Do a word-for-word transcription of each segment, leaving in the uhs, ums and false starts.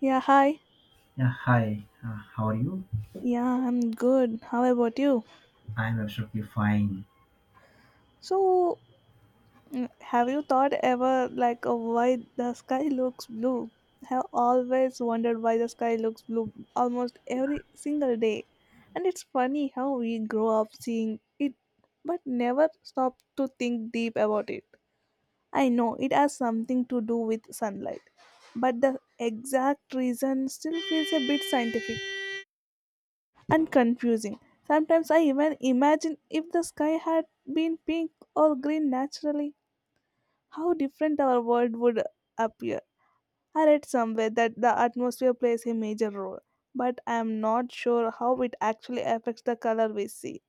Yeah, hi. Yeah, hi. Uh, how are you? Yeah, I'm good. How about you? I'm absolutely fine. So, mm, have you thought ever like of why the sky looks blue? Have always wondered why the sky looks blue almost every single day. And it's funny how we grow up seeing it but never stop to think deep about it. I know it has something to do with sunlight, but the exact reason still feels a bit scientific and confusing. Sometimes I even imagine if the sky had been pink or green naturally, how different our world would appear. I read somewhere that the atmosphere plays a major role, but I am not sure how it actually affects the color we see.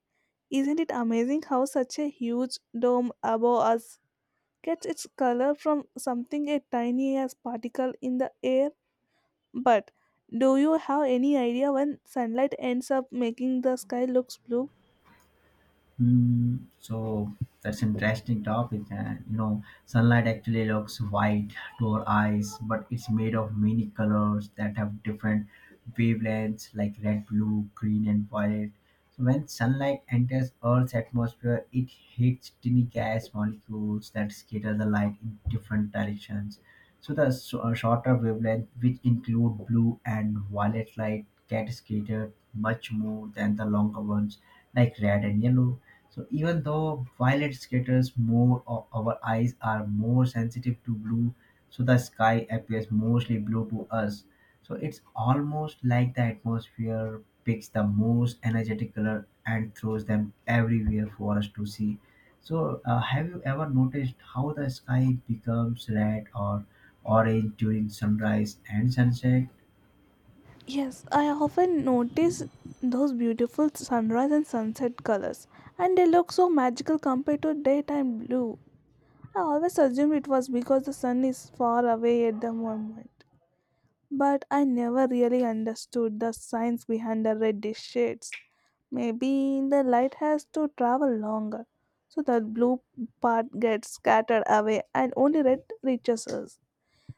Isn't it amazing how such a huge dome above us gets its color from something as tiny as particle in the air? But do you have any idea when sunlight ends up making the sky looks blue? Hmm. so that's interesting topic, and you know sunlight actually looks white to our eyes, but it's made of many colors that have different wavelengths like red, blue, green, and violet. So when sunlight enters earth's atmosphere, it hits tiny gas molecules that scatter the light in different directions. So the s- uh, shorter wavelength which include blue and violet light get scattered much more than the longer ones like red and yellow. So even though violet scatters more, o- our eyes are more sensitive to blue, so the sky appears mostly blue to us. So it's almost like the atmosphere picks the most energetic color and throws them everywhere for us to see. So uh, have you ever noticed how the sky becomes red or orange during sunrise and sunset? Yes, I often notice those beautiful sunrise and sunset colors, and they look so magical compared to daytime blue. I always assumed it was because the sun is far away at the moment, but I never really understood the science behind the reddish shades. Maybe the light has to travel longer, so the blue part gets scattered away and only red reaches us.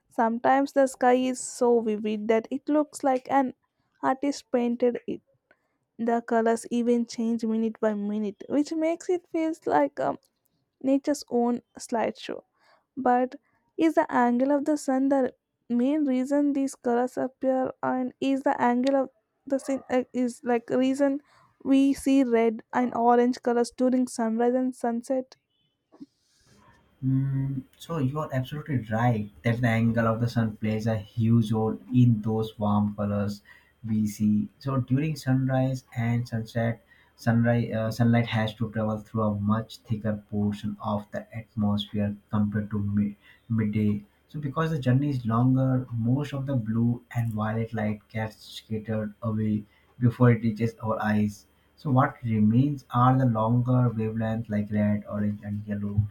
Sometimes the sky is so vivid that it looks like an artist painted it. The colors even change minute by minute, which makes it feel like um, nature's own slideshow. But is the angle of the sun the main reason these colors appear, and is the angle of the sun uh, is like reason we see red and orange colors during sunrise and sunset? Mm, so you are absolutely right that the angle of the sun plays a huge role in those warm colors we see. So during sunrise and sunset, sunrise uh, sunlight has to travel through a much thicker portion of the atmosphere compared to mid- midday. So because the journey is longer, most of the blue and violet light gets scattered away before it reaches our eyes. So what remains are the longer wavelengths like red, orange, and yellow,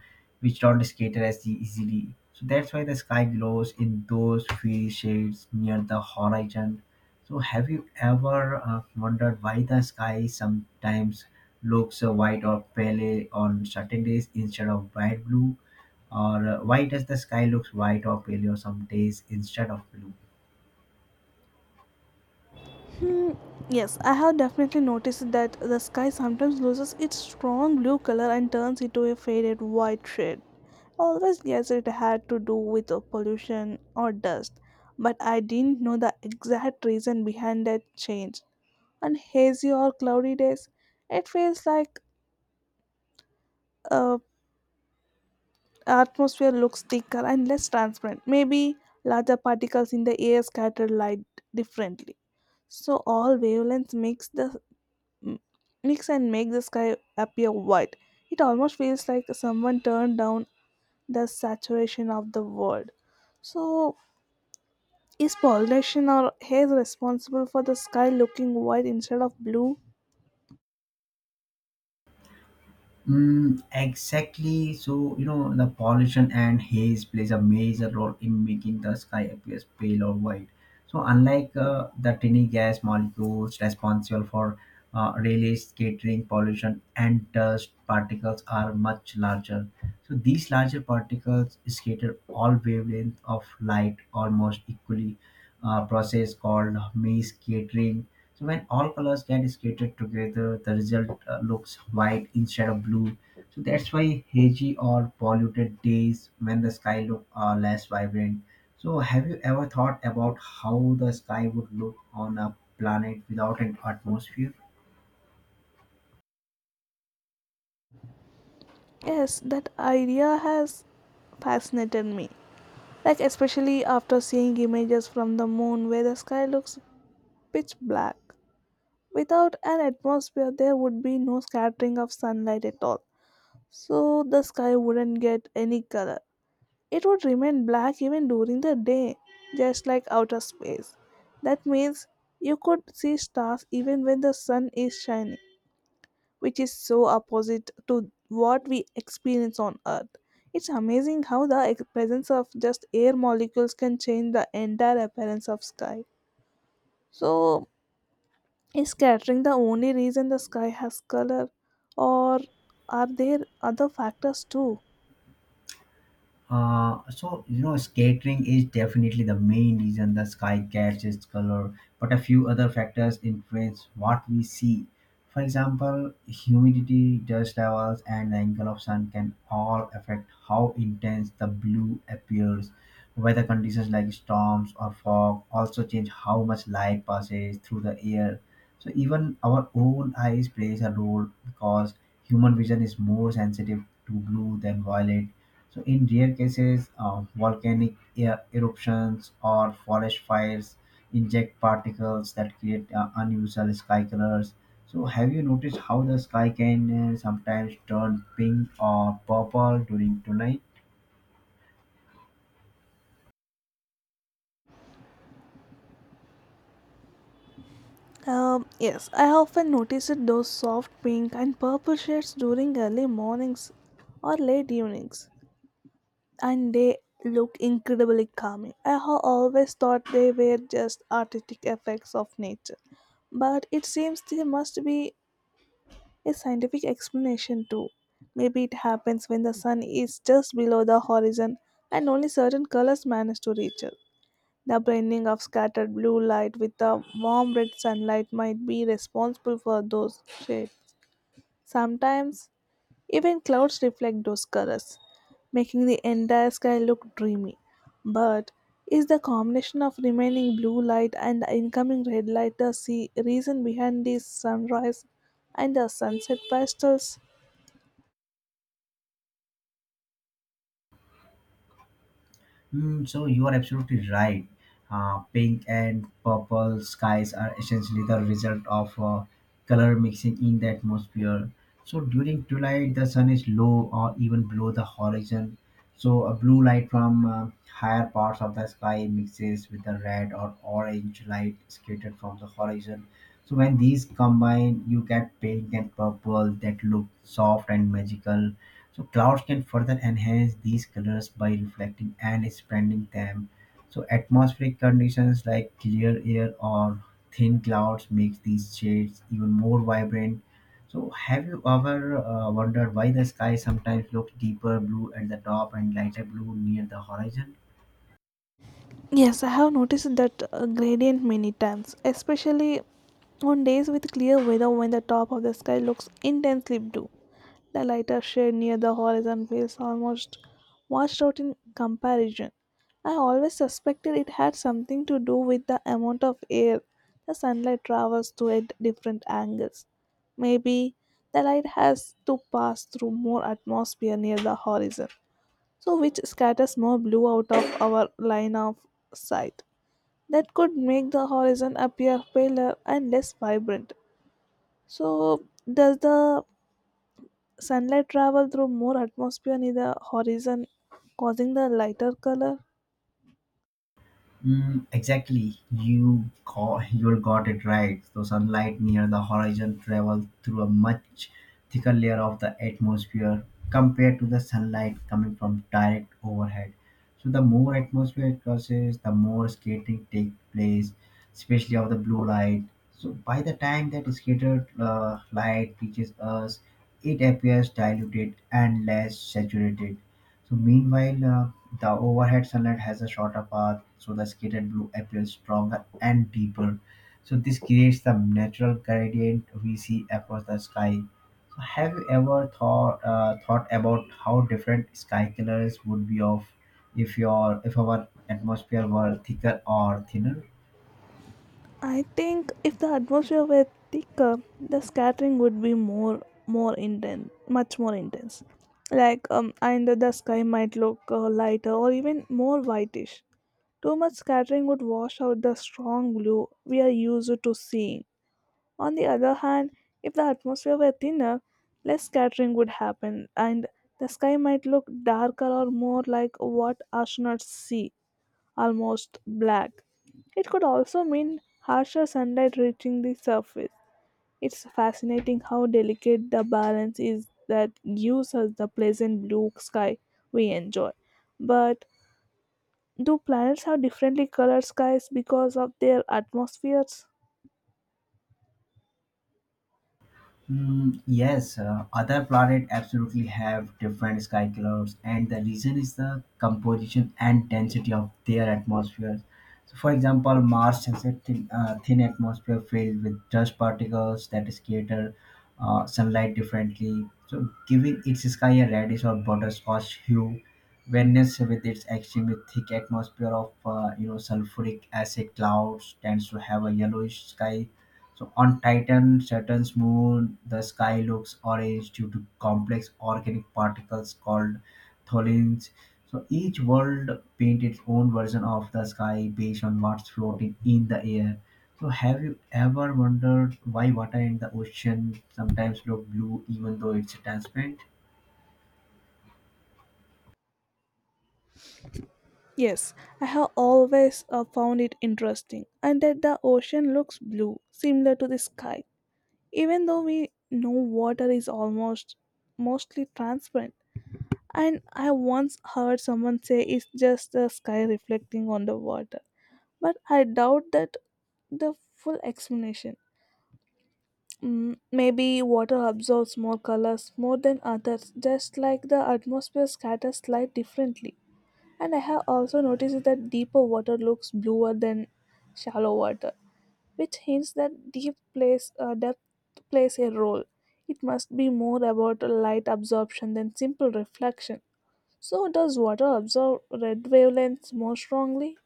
which don't scatter as easily. So that's why the sky glows in those fiery shades near the horizon. So have you ever uh, wondered why the sky sometimes looks uh, white or pale on certain days instead of bright blue? Or uh, why does the sky looks white or pale on some days instead of blue? Hmm, yes, I have definitely noticed that the sky sometimes loses its strong blue color and turns into a faded white shade. Always guess it had to do with uh, pollution or dust, but I didn't know the exact reason behind that change. On hazy or cloudy days, it feels like uh, atmosphere looks thicker and less transparent. Maybe larger particles in the air scatter light differently so all wavelengths makes the m- mix and make the sky appear white. It almost feels like someone turned down the saturation of the world. So, is pollination or haze responsible for the sky looking white instead of blue? Mm, exactly. So, you know, the pollution and haze plays a major role in making the sky appears pale or white. So, unlike uh, the tiny gas molecules responsible for uh, relay scattering, pollution and dust particles are much larger. So, these larger particles scatter all wavelengths of light almost equally, a process called mass scattering. So when all colors get skated together, the result uh, looks white instead of blue. So that's why hazy or polluted days when the sky look uh, less vibrant. So have you ever thought about how the sky would look on a planet without an atmosphere? Yes, that idea has fascinated me. Like, especially after seeing images from the moon where the sky looks pitch black. Without an atmosphere, there would be no scattering of sunlight at all, so the sky wouldn't get any color. It would remain black even during the day, just like outer space. That means you could see stars even when the sun is shining, which is so opposite to what we experience on Earth. It's amazing how the ex- presence of just air molecules can change the entire appearance of sky. So, is scattering the only reason the sky has color, or are there other factors too? Uh, so you know scattering is definitely the main reason the sky catches its color, but a few other factors influence what we see. For example, humidity, dust levels, and the angle of sun can all affect how intense the blue appears. Weather conditions like storms or fog also change how much light passes through the air. So even our own eyes plays a role because human vision is more sensitive to blue than violet. So in rare cases, uh, volcanic e- eruptions or forest fires inject particles that create uh, unusual sky colors. So have you noticed how the sky can uh, sometimes turn pink or purple during twilight? Um, yes, I often noticed those soft pink and purple shades during early mornings or late evenings, and they look incredibly calming. I ha- always thought they were just artistic effects of nature, but it seems there must be a scientific explanation too. Maybe it happens when the sun is just below the horizon and only certain colors manage to reach us. The blending of scattered blue light with the warm red sunlight might be responsible for those shades. Sometimes, even clouds reflect those colors, making the entire sky look dreamy. But is the combination of remaining blue light and the incoming red light the se- reason behind these sunrise and the sunset pastels? Mm, so you are absolutely right. Uh, pink and purple skies are essentially the result of uh, color mixing in the atmosphere. So during twilight, the sun is low or even below the horizon. So a blue light from uh, higher parts of the sky mixes with the red or orange light scattered from the horizon. So when these combine, you get pink and purple that look soft and magical. So clouds can further enhance these colors by reflecting and expanding them. So atmospheric conditions like clear air or thin clouds makes these shades even more vibrant. So have you ever uh, wondered why the sky sometimes looks deeper blue at the top and lighter blue near the horizon? Yes, I have noticed that uh, gradient many times, especially on days with clear weather when the top of the sky looks intensely blue. The lighter shade near the horizon feels almost washed out in comparison. I always suspected it had something to do with the amount of air the sunlight travels through at different angles. Maybe the light has to pass through more atmosphere near the horizon so which scatters more blue out of our line of sight. That could make the horizon appear paler and less vibrant. So, does the sunlight travel through more atmosphere near the horizon, causing the lighter color? Mm, exactly. You got, you got it right. So sunlight near the horizon travels through a much thicker layer of the atmosphere compared to the sunlight coming from direct overhead. So the more atmosphere it crosses, the more scattering takes place, especially of the blue light. So by the time that scattered uh, light reaches us, it appears diluted and less saturated. So meanwhile, uh, the overhead sunlight has a shorter path, so the skated blue appears stronger and deeper. So this creates the natural gradient we see across the sky. So have you ever thought uh, thought about how different sky colors would be of if your if our atmosphere were thicker or thinner? I think if the atmosphere were thicker, the scattering would be more, more intense, much more intense. Like, um, and the sky might look uh, lighter or even more whitish. Too much scattering would wash out the strong blue we are used to seeing. On the other hand, if the atmosphere were thinner, less scattering would happen and the sky might look darker or more like what astronauts see, almost black. It could also mean harsher sunlight reaching the surface. It's fascinating how delicate the balance is that gives us the pleasant blue sky we enjoy. But do planets have differently colored skies because of their atmospheres? Mm, yes, uh, other planets absolutely have different sky colors, and the reason is the composition and density of their atmospheres. So, for example, Mars has a thin, uh, thin atmosphere filled with dust particles that scatter uh, sunlight differently, so giving its sky a reddish or butterscotch hue. Venus, with its extremely thick atmosphere of uh, you know sulfuric acid clouds, tends to have a yellowish sky. So on Titan, Saturn's moon, the sky looks orange due to complex organic particles called tholins. So each world paints its own version of the sky based on what's floating in the air. So have you ever wondered why water in the ocean sometimes look blue even though it's transparent? Yes, I have always uh, found it interesting, and that the ocean looks blue, similar to the sky, even though we know water is almost mostly transparent. And I once heard someone say it's just the sky reflecting on the water, but I doubt that the full explanation. Mm, maybe water absorbs more colors more than others, just like the atmosphere scatters light differently. And I have also noticed that deeper water looks bluer than shallow water, which hints that deep plays uh, depth plays a role. It must be more about light absorption than simple reflection. So, does water absorb red wavelengths more strongly?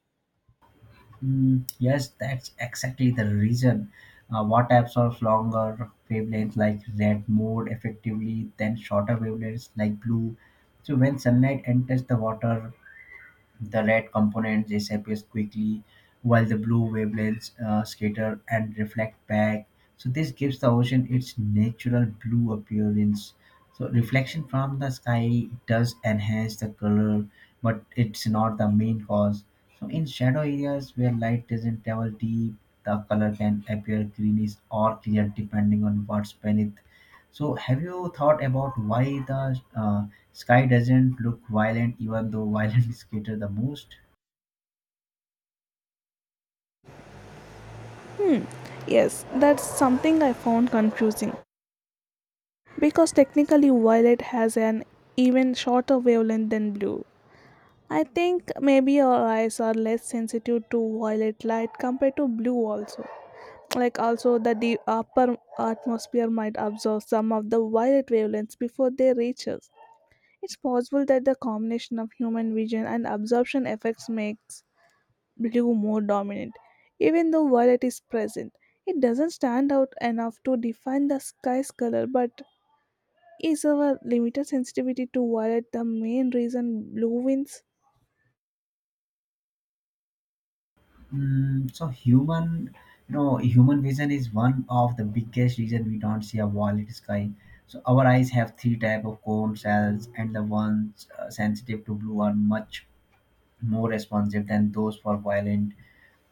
Mm, yes, that's exactly the reason. Uh, what absorbs longer wavelengths like red more effectively than shorter wavelengths like blue? So when sunlight enters the water, the red component disappears quickly, while the blue wavelengths uh, scatter and reflect back. So this gives the ocean its natural blue appearance. So reflection from the sky does enhance the color, but it's not the main cause. So in shadow areas where light doesn't travel deep, the color can appear greenish or clear depending on what's beneath. So, have you thought about why the uh, sky doesn't look violent, even though violent is created the most? Hmm, yes, that's something I found confusing, because technically violet has an even shorter wavelength than blue. I think maybe our eyes are less sensitive to violet light compared to blue also. Like also that the upper atmosphere might absorb some of the violet wavelengths before they reach us. It's possible that the combination of human vision and absorption effects makes blue more dominant. Even though violet is present, it doesn't stand out enough to define the sky's color, but is our limited sensitivity to violet the main reason blue wins? Mm, so, human, you know, human vision is one of the biggest reason we don't see a violent sky. So, our eyes have three type of cone cells, and the ones uh, sensitive to blue are much more responsive than those for violet.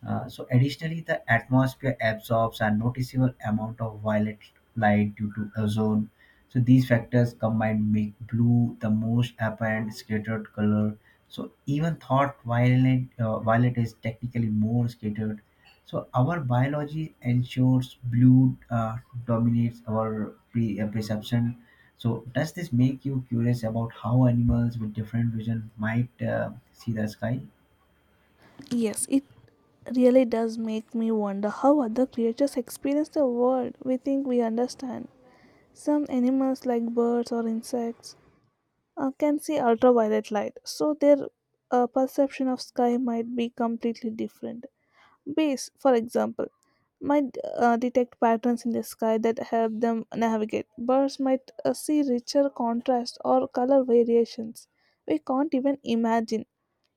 Uh, so additionally, the atmosphere absorbs a noticeable amount of violet light due to ozone. So these factors combined make blue the most apparent scattered color. So even thought violet, uh, violet is technically more scattered. So our biology ensures blue uh, dominates our pre- uh, perception. So does this make you curious about how animals with different vision might uh, see the sky? Yes, it really does make me wonder how other creatures experience the world we think we understand. Some animals, like birds or insects, uh, can see ultraviolet light, so their uh, perception of sky might be completely different. Bays, for example, might uh, detect patterns in the sky that help them navigate. Birds might uh, see richer contrast or color variations we can't even imagine.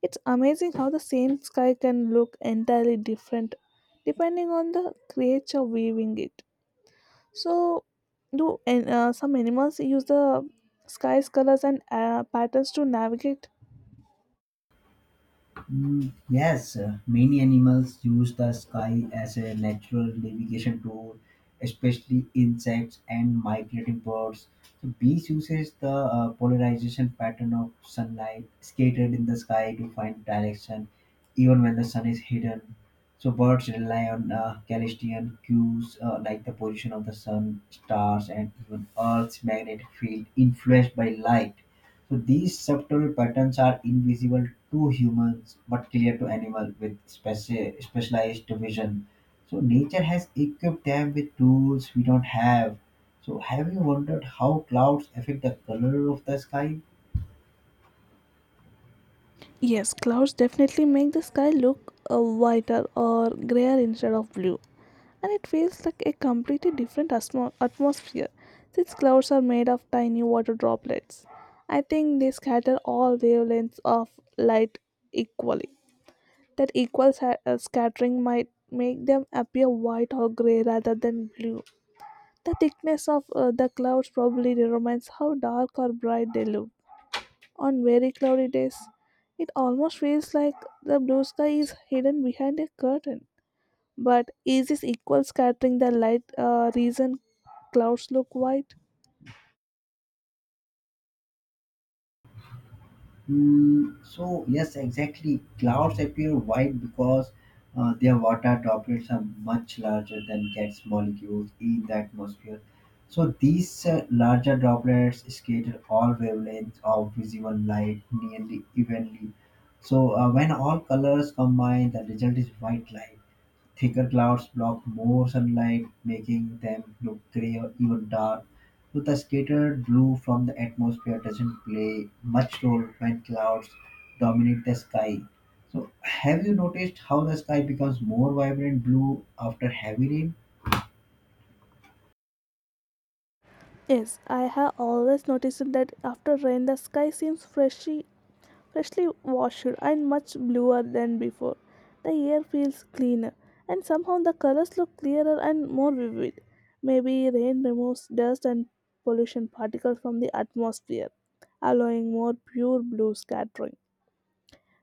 It's amazing how the same sky can look entirely different depending on the creature viewing it. So, do an- uh, some animals use the sky's colors and uh, patterns to navigate? Mm, yes, uh, many animals use the sky as a natural navigation tool, especially insects and migrating birds. So bees uses the uh, polarization pattern of sunlight scattered in the sky to find direction, even when the sun is hidden. So birds rely on uh, celestial cues uh, like the position of the sun, stars, and even Earth's magnetic field influenced by light. So these subtle patterns are invisible to humans but clear to animals with speci- specialized vision. So nature has equipped them with tools we don't have. So have you wondered how clouds affect the color of the sky? Yes, clouds definitely make the sky look uh, whiter or grayer instead of blue, and it feels like a completely different atmo- atmosphere since clouds are made of tiny water droplets. I think they scatter all wavelengths of light equally. That equal sa- uh, scattering might make them appear white or gray rather than blue. The thickness of uh, the clouds probably determines how dark or bright they look on very cloudy days. It almost feels like the blue sky is hidden behind a curtain. But is this equal scattering the light uh, reason clouds look white? Mm, so yes, exactly. Clouds appear white because uh, their water droplets are much larger than gas molecules in the atmosphere. So these uh, larger droplets scatter all wavelengths of visible light nearly evenly. So uh, when all colors combine, the result is white light. Thicker clouds block more sunlight, making them look grey or even dark. So the scattered blue from the atmosphere doesn't play much role when clouds dominate the sky. So have you noticed how the sky becomes more vibrant blue after heavy rain? Yes, I have always noticed that after rain the sky seems freshy freshly washed and much bluer than before. The air feels cleaner, and somehow the colors look clearer and more vivid. Maybe rain removes dust and pollution particles from the atmosphere, allowing more pure blue scattering.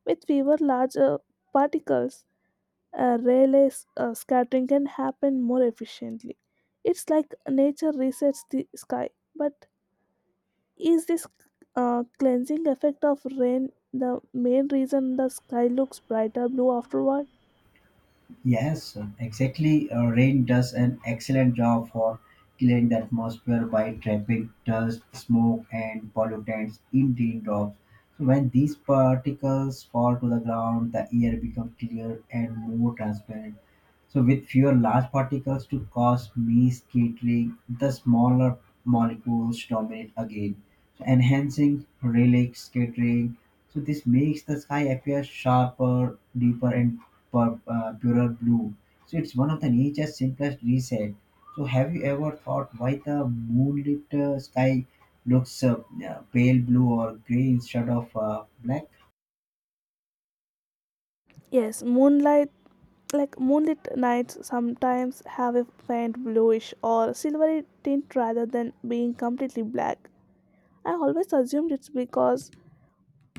With fewer larger particles, uh, Rayleigh's uh, scattering can happen more efficiently. It's like nature resets the sky, but is this uh, cleansing effect of rain the main reason the sky looks brighter blue afterward? Yes, exactly. Uh, rain does an excellent job for clearing the atmosphere by trapping dust, smoke, and pollutants in raindrops. So when these particles fall to the ground, the air becomes clear and more transparent. So with fewer large particles to cause mist scattering, the smaller molecules dominate again, enhancing relic scattering. So this makes the sky appear sharper, deeper, and pur- uh, purer blue. So it's one of the nature's simplest reset. So have you ever thought why the moonlit uh, sky looks uh, uh, pale blue or gray instead of uh, black? Yes, moonlight like moonlit nights sometimes have a faint bluish or silvery tint rather than being completely black. I always assumed it's because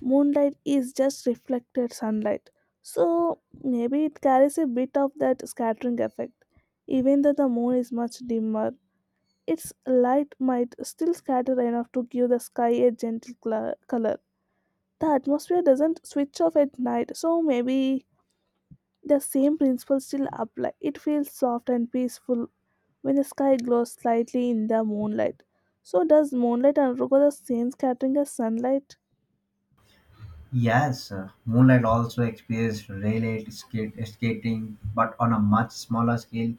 moonlight is just reflected sunlight. So maybe it carries a bit of that scattering effect, even though the moon is much dimmer. Its light might still scatter enough to give the sky a gentle cla- color. The atmosphere doesn't switch off at night, so maybe the same principles still apply. It feels soft and peaceful when the sky glows slightly in the moonlight. So, does moonlight undergo the same scattering as sunlight? Yes, uh, Moonlight also experienced relay skate, skating, but on a much smaller scale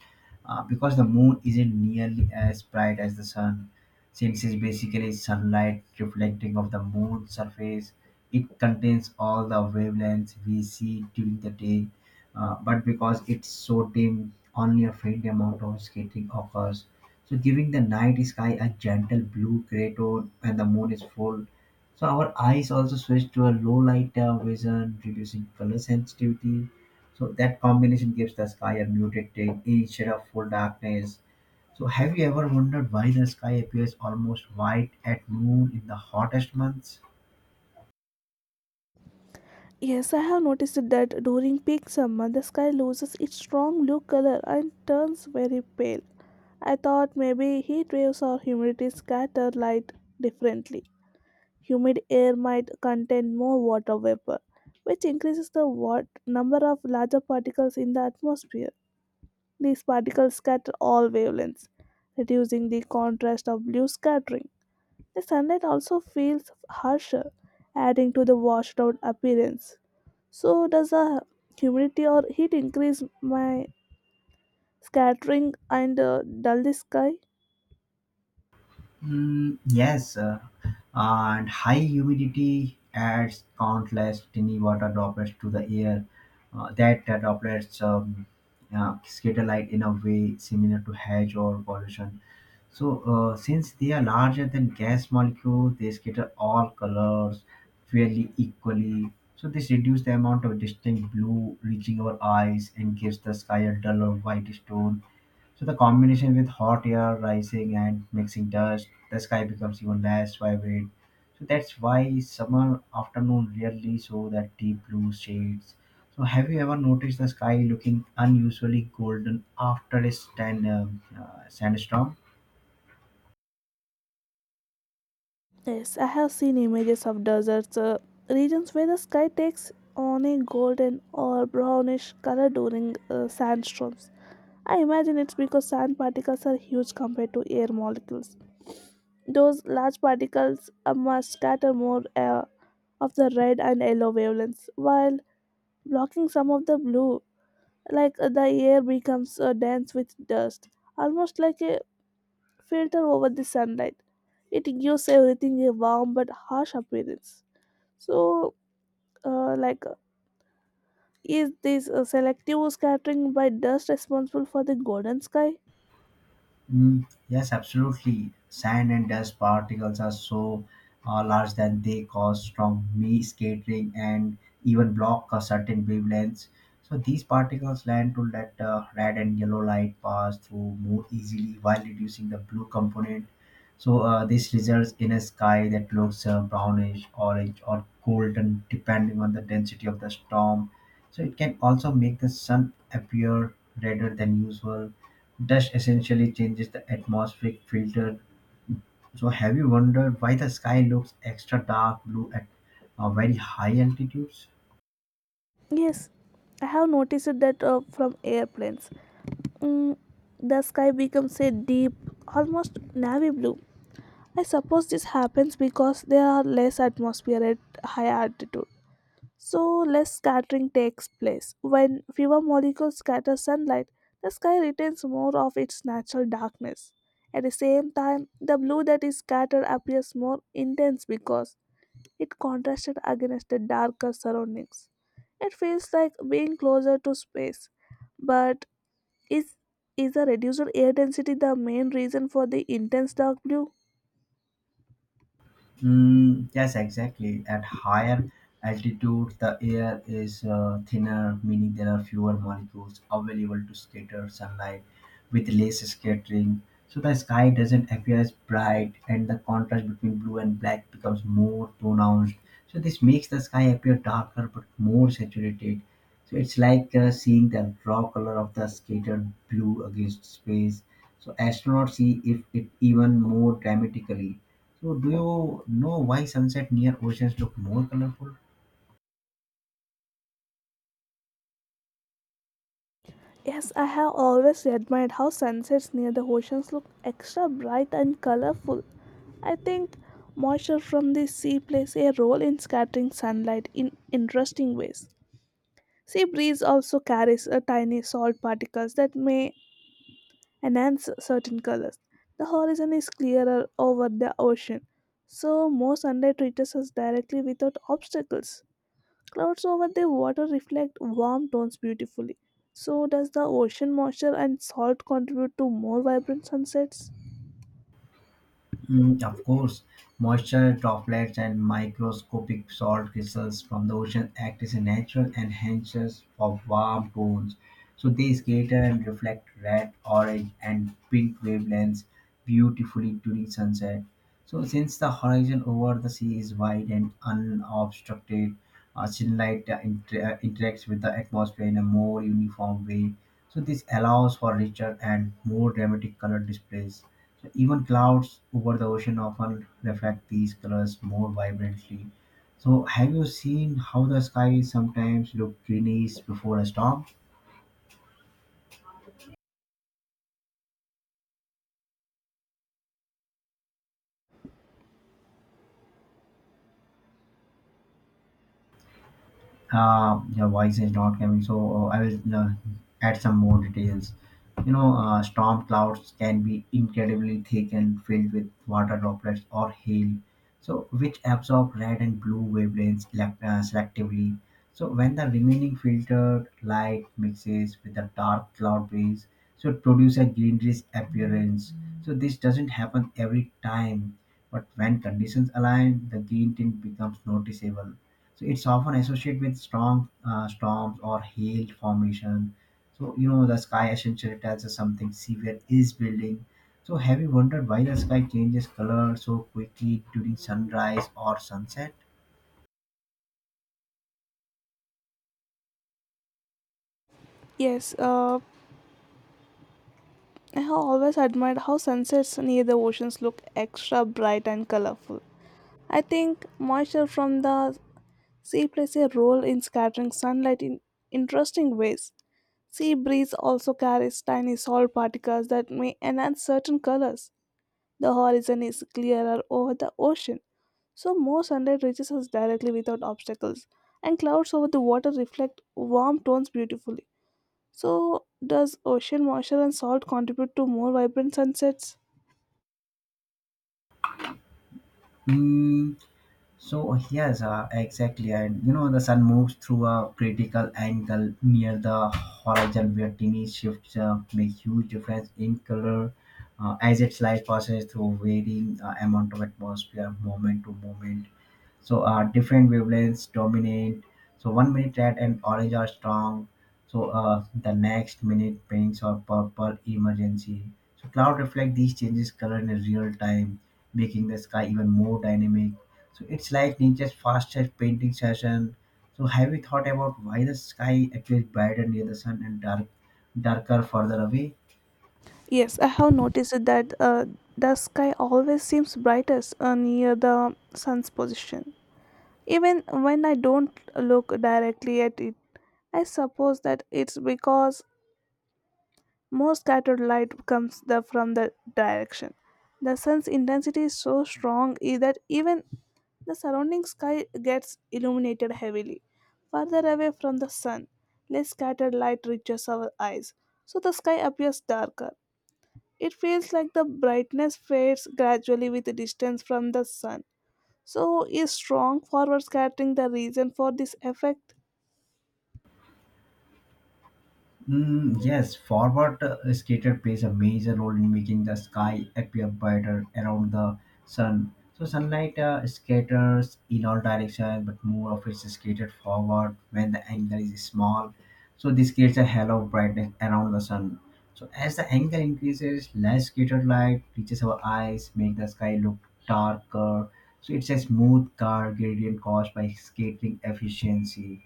uh, because the moon isn't nearly as bright as the sun. Since it's basically sunlight reflecting off the moon's surface, it contains all the wavelengths we see during the day. Uh, but because it's so dim, only a faint amount of skating occurs. So, giving the night sky a gentle blue gray tone when the moon is full. So our eyes also switch to a low light uh, vision, reducing color sensitivity. So that combination gives the sky a muted tint instead of full darkness. So have you ever wondered why the sky appears almost white at noon in the hottest months? Yes, I have noticed that during peak summer, the sky loses its strong blue color and turns very pale. I thought maybe heat waves or humidity scatter light differently. Humid air might contain more water vapor, which increases the wat- number of larger particles in the atmosphere. These particles scatter all wavelengths, reducing the contrast of blue scattering. The sunlight also feels harsher, adding to the washed out appearance. So does the humidity or heat increase my scattering and uh, dull the sky? Mm, yes, uh, and high humidity adds countless tiny water droplets to the air. Uh, that uh, droplets um, uh, scatter light in a way similar to hedge or pollution. So, uh, since they are larger than gas molecules, they scatter all colors fairly equally. So, this reduces the amount of distinct blue reaching our eyes and gives the sky a duller whitish tone. So the combination with hot air rising and mixing dust, the sky becomes even less vibrant. So that's why summer afternoon rarely show that deep blue shades. So have you ever noticed the sky looking unusually golden after a stand, uh, uh, sandstorm? Yes, I have seen images of deserts, uh, regions where the sky takes on a golden or brownish color during uh, sandstorms. I imagine it's because sand particles are huge compared to air molecules. Those large particles uh, must scatter more uh, of the red and yellow wavelengths while blocking some of the blue like uh, the air becomes uh, dense with dust, almost like a filter over the sunlight. It gives everything a warm but harsh appearance. So, uh, like, uh, is this uh, selective scattering by dust responsible for the golden sky? Mm, yes, absolutely. Sand and dust particles are so uh, large that they cause strong me scattering and even block a certain wavelengths. So these particles land to let uh, red and yellow light pass through more easily while reducing the blue component. So uh, this results in a sky that looks uh, brownish, orange, or golden, depending on the density of the storm. So it can also make the sun appear redder than usual. Dust essentially changes the atmospheric filter. So, have you wondered why the sky looks extra dark blue at uh, very high altitudes? Yes, I have noticed that uh, from airplanes. Mm, the sky becomes a deep, almost navy blue. I suppose this happens because there are less atmosphere at high altitude. So less scattering takes place. When fewer molecules scatter sunlight, the sky retains more of its natural darkness. At the same time, the blue that is scattered appears more intense because it contrasted against the darker surroundings. It feels like being closer to space. But is is the reduced air density the main reason for the intense dark blue? Mm, yes, exactly. At higher altitude, the air is uh, thinner, meaning there are fewer molecules available to scatter sunlight with less scattering. So the sky doesn't appear as bright, and the contrast between blue and black becomes more pronounced. So this makes the sky appear darker but more saturated. So it's like uh, seeing the raw color of the scattered blue against space. So astronauts see if it even more dramatically. So do you know why sunset near oceans look more colorful? Yes, I have always admired how sunsets near the oceans look extra bright and colorful. I think moisture from the sea plays a role in scattering sunlight in interesting ways. Sea breeze also carries a tiny salt particles that may enhance certain colors. The horizon is clearer over the ocean, so more sunlight reaches us directly without obstacles. Clouds over the water reflect warm tones beautifully. So does the ocean moisture and salt contribute to more vibrant sunsets? Mm, of course, moisture droplets and microscopic salt crystals from the ocean act as a natural enhancers for warm tones. So they scatter and reflect red, orange, and pink wavelengths beautifully during sunset. So since the horizon over the sea is wide and unobstructed, uh, sunlight uh, inter- uh, interacts with the atmosphere in a more uniform way. So this allows for richer and more dramatic color displays, even clouds over the ocean often reflect these colors more vibrantly. So, have you seen how the sky sometimes looks greenish before a storm? Uh, your voice is not coming, so uh, I will uh, add some more details. You know, uh, storm clouds can be incredibly thick and filled with water droplets or hail, so which absorb red and blue wavelengths elect- uh, selectively. So when the remaining filtered light mixes with the dark cloud base, so it produce a greenish appearance. So this doesn't happen every time, but when conditions align, the green tint becomes noticeable. So it's often associated with strong uh, storms or hail formation. So you know the sky essentially tells us something severe is building. So have you wondered why the sky changes color so quickly during sunrise or sunset? Yes, uh, I have always admired how sunsets near the oceans look extra bright and colorful. I think moisture from the sea plays a role in scattering sunlight in interesting ways. Sea breeze also carries tiny salt particles that may enhance certain colors. The horizon is clearer over the ocean, so more sunlight reaches us directly without obstacles and clouds over the water reflect warm tones beautifully. So does ocean moisture and salt contribute to more vibrant sunsets? Mm, so yes, uh, exactly, and you know the sun moves through a critical angle near the horizon where tiny shifts uh, make huge difference in color uh, as its light passes through varying uh, amount of atmosphere moment to moment. So uh, different wavelengths dominate. So one minute red and orange are strong, so uh, the next minute pinks or purple emergency. So cloud reflect these changes color in real time, making the sky even more dynamic. So it's like nature's fastest painting session. So have you thought about why the sky appears brighter near the sun and dark darker further away? Yes, I have noticed that uh, the sky always seems brightest uh, near the sun's position even when I don't look directly at it. I suppose that it's because more scattered light comes the, from the direction. The sun's intensity is so strong i- that even the surrounding sky gets illuminated heavily. Further away from the sun, less scattered light reaches our eyes, so the sky appears darker. It feels like the brightness fades gradually with the distance from the sun. So, is strong forward scattering the reason for this effect? Mm, yes, forward uh, skater plays a major role in making the sky appear brighter around the sun. So sunlight uh, scatters in all directions, but more of it is skated forward when the angle is small. So this creates a halo of brightness around the sun. So as the angle increases, less scattered light reaches our eyes, make the sky look darker. So it's a smooth car gradient caused by skating efficiency.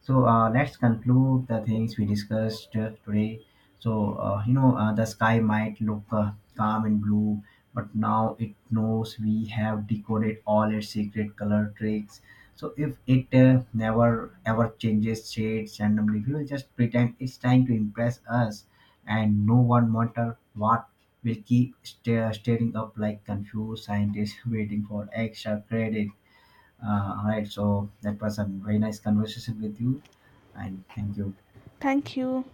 So uh, let's conclude the things we discussed uh, today. So uh, you know uh, the sky might look uh, calm and blue, but now it knows we have decoded all its secret color tricks. So if it uh, never ever changes shades randomly, we will just pretend it's trying to impress us, and no one matter what will keep sta- staring up like confused scientists waiting for extra credit. Uh, all right, so that was a very nice conversation with you, and thank you. Thank you.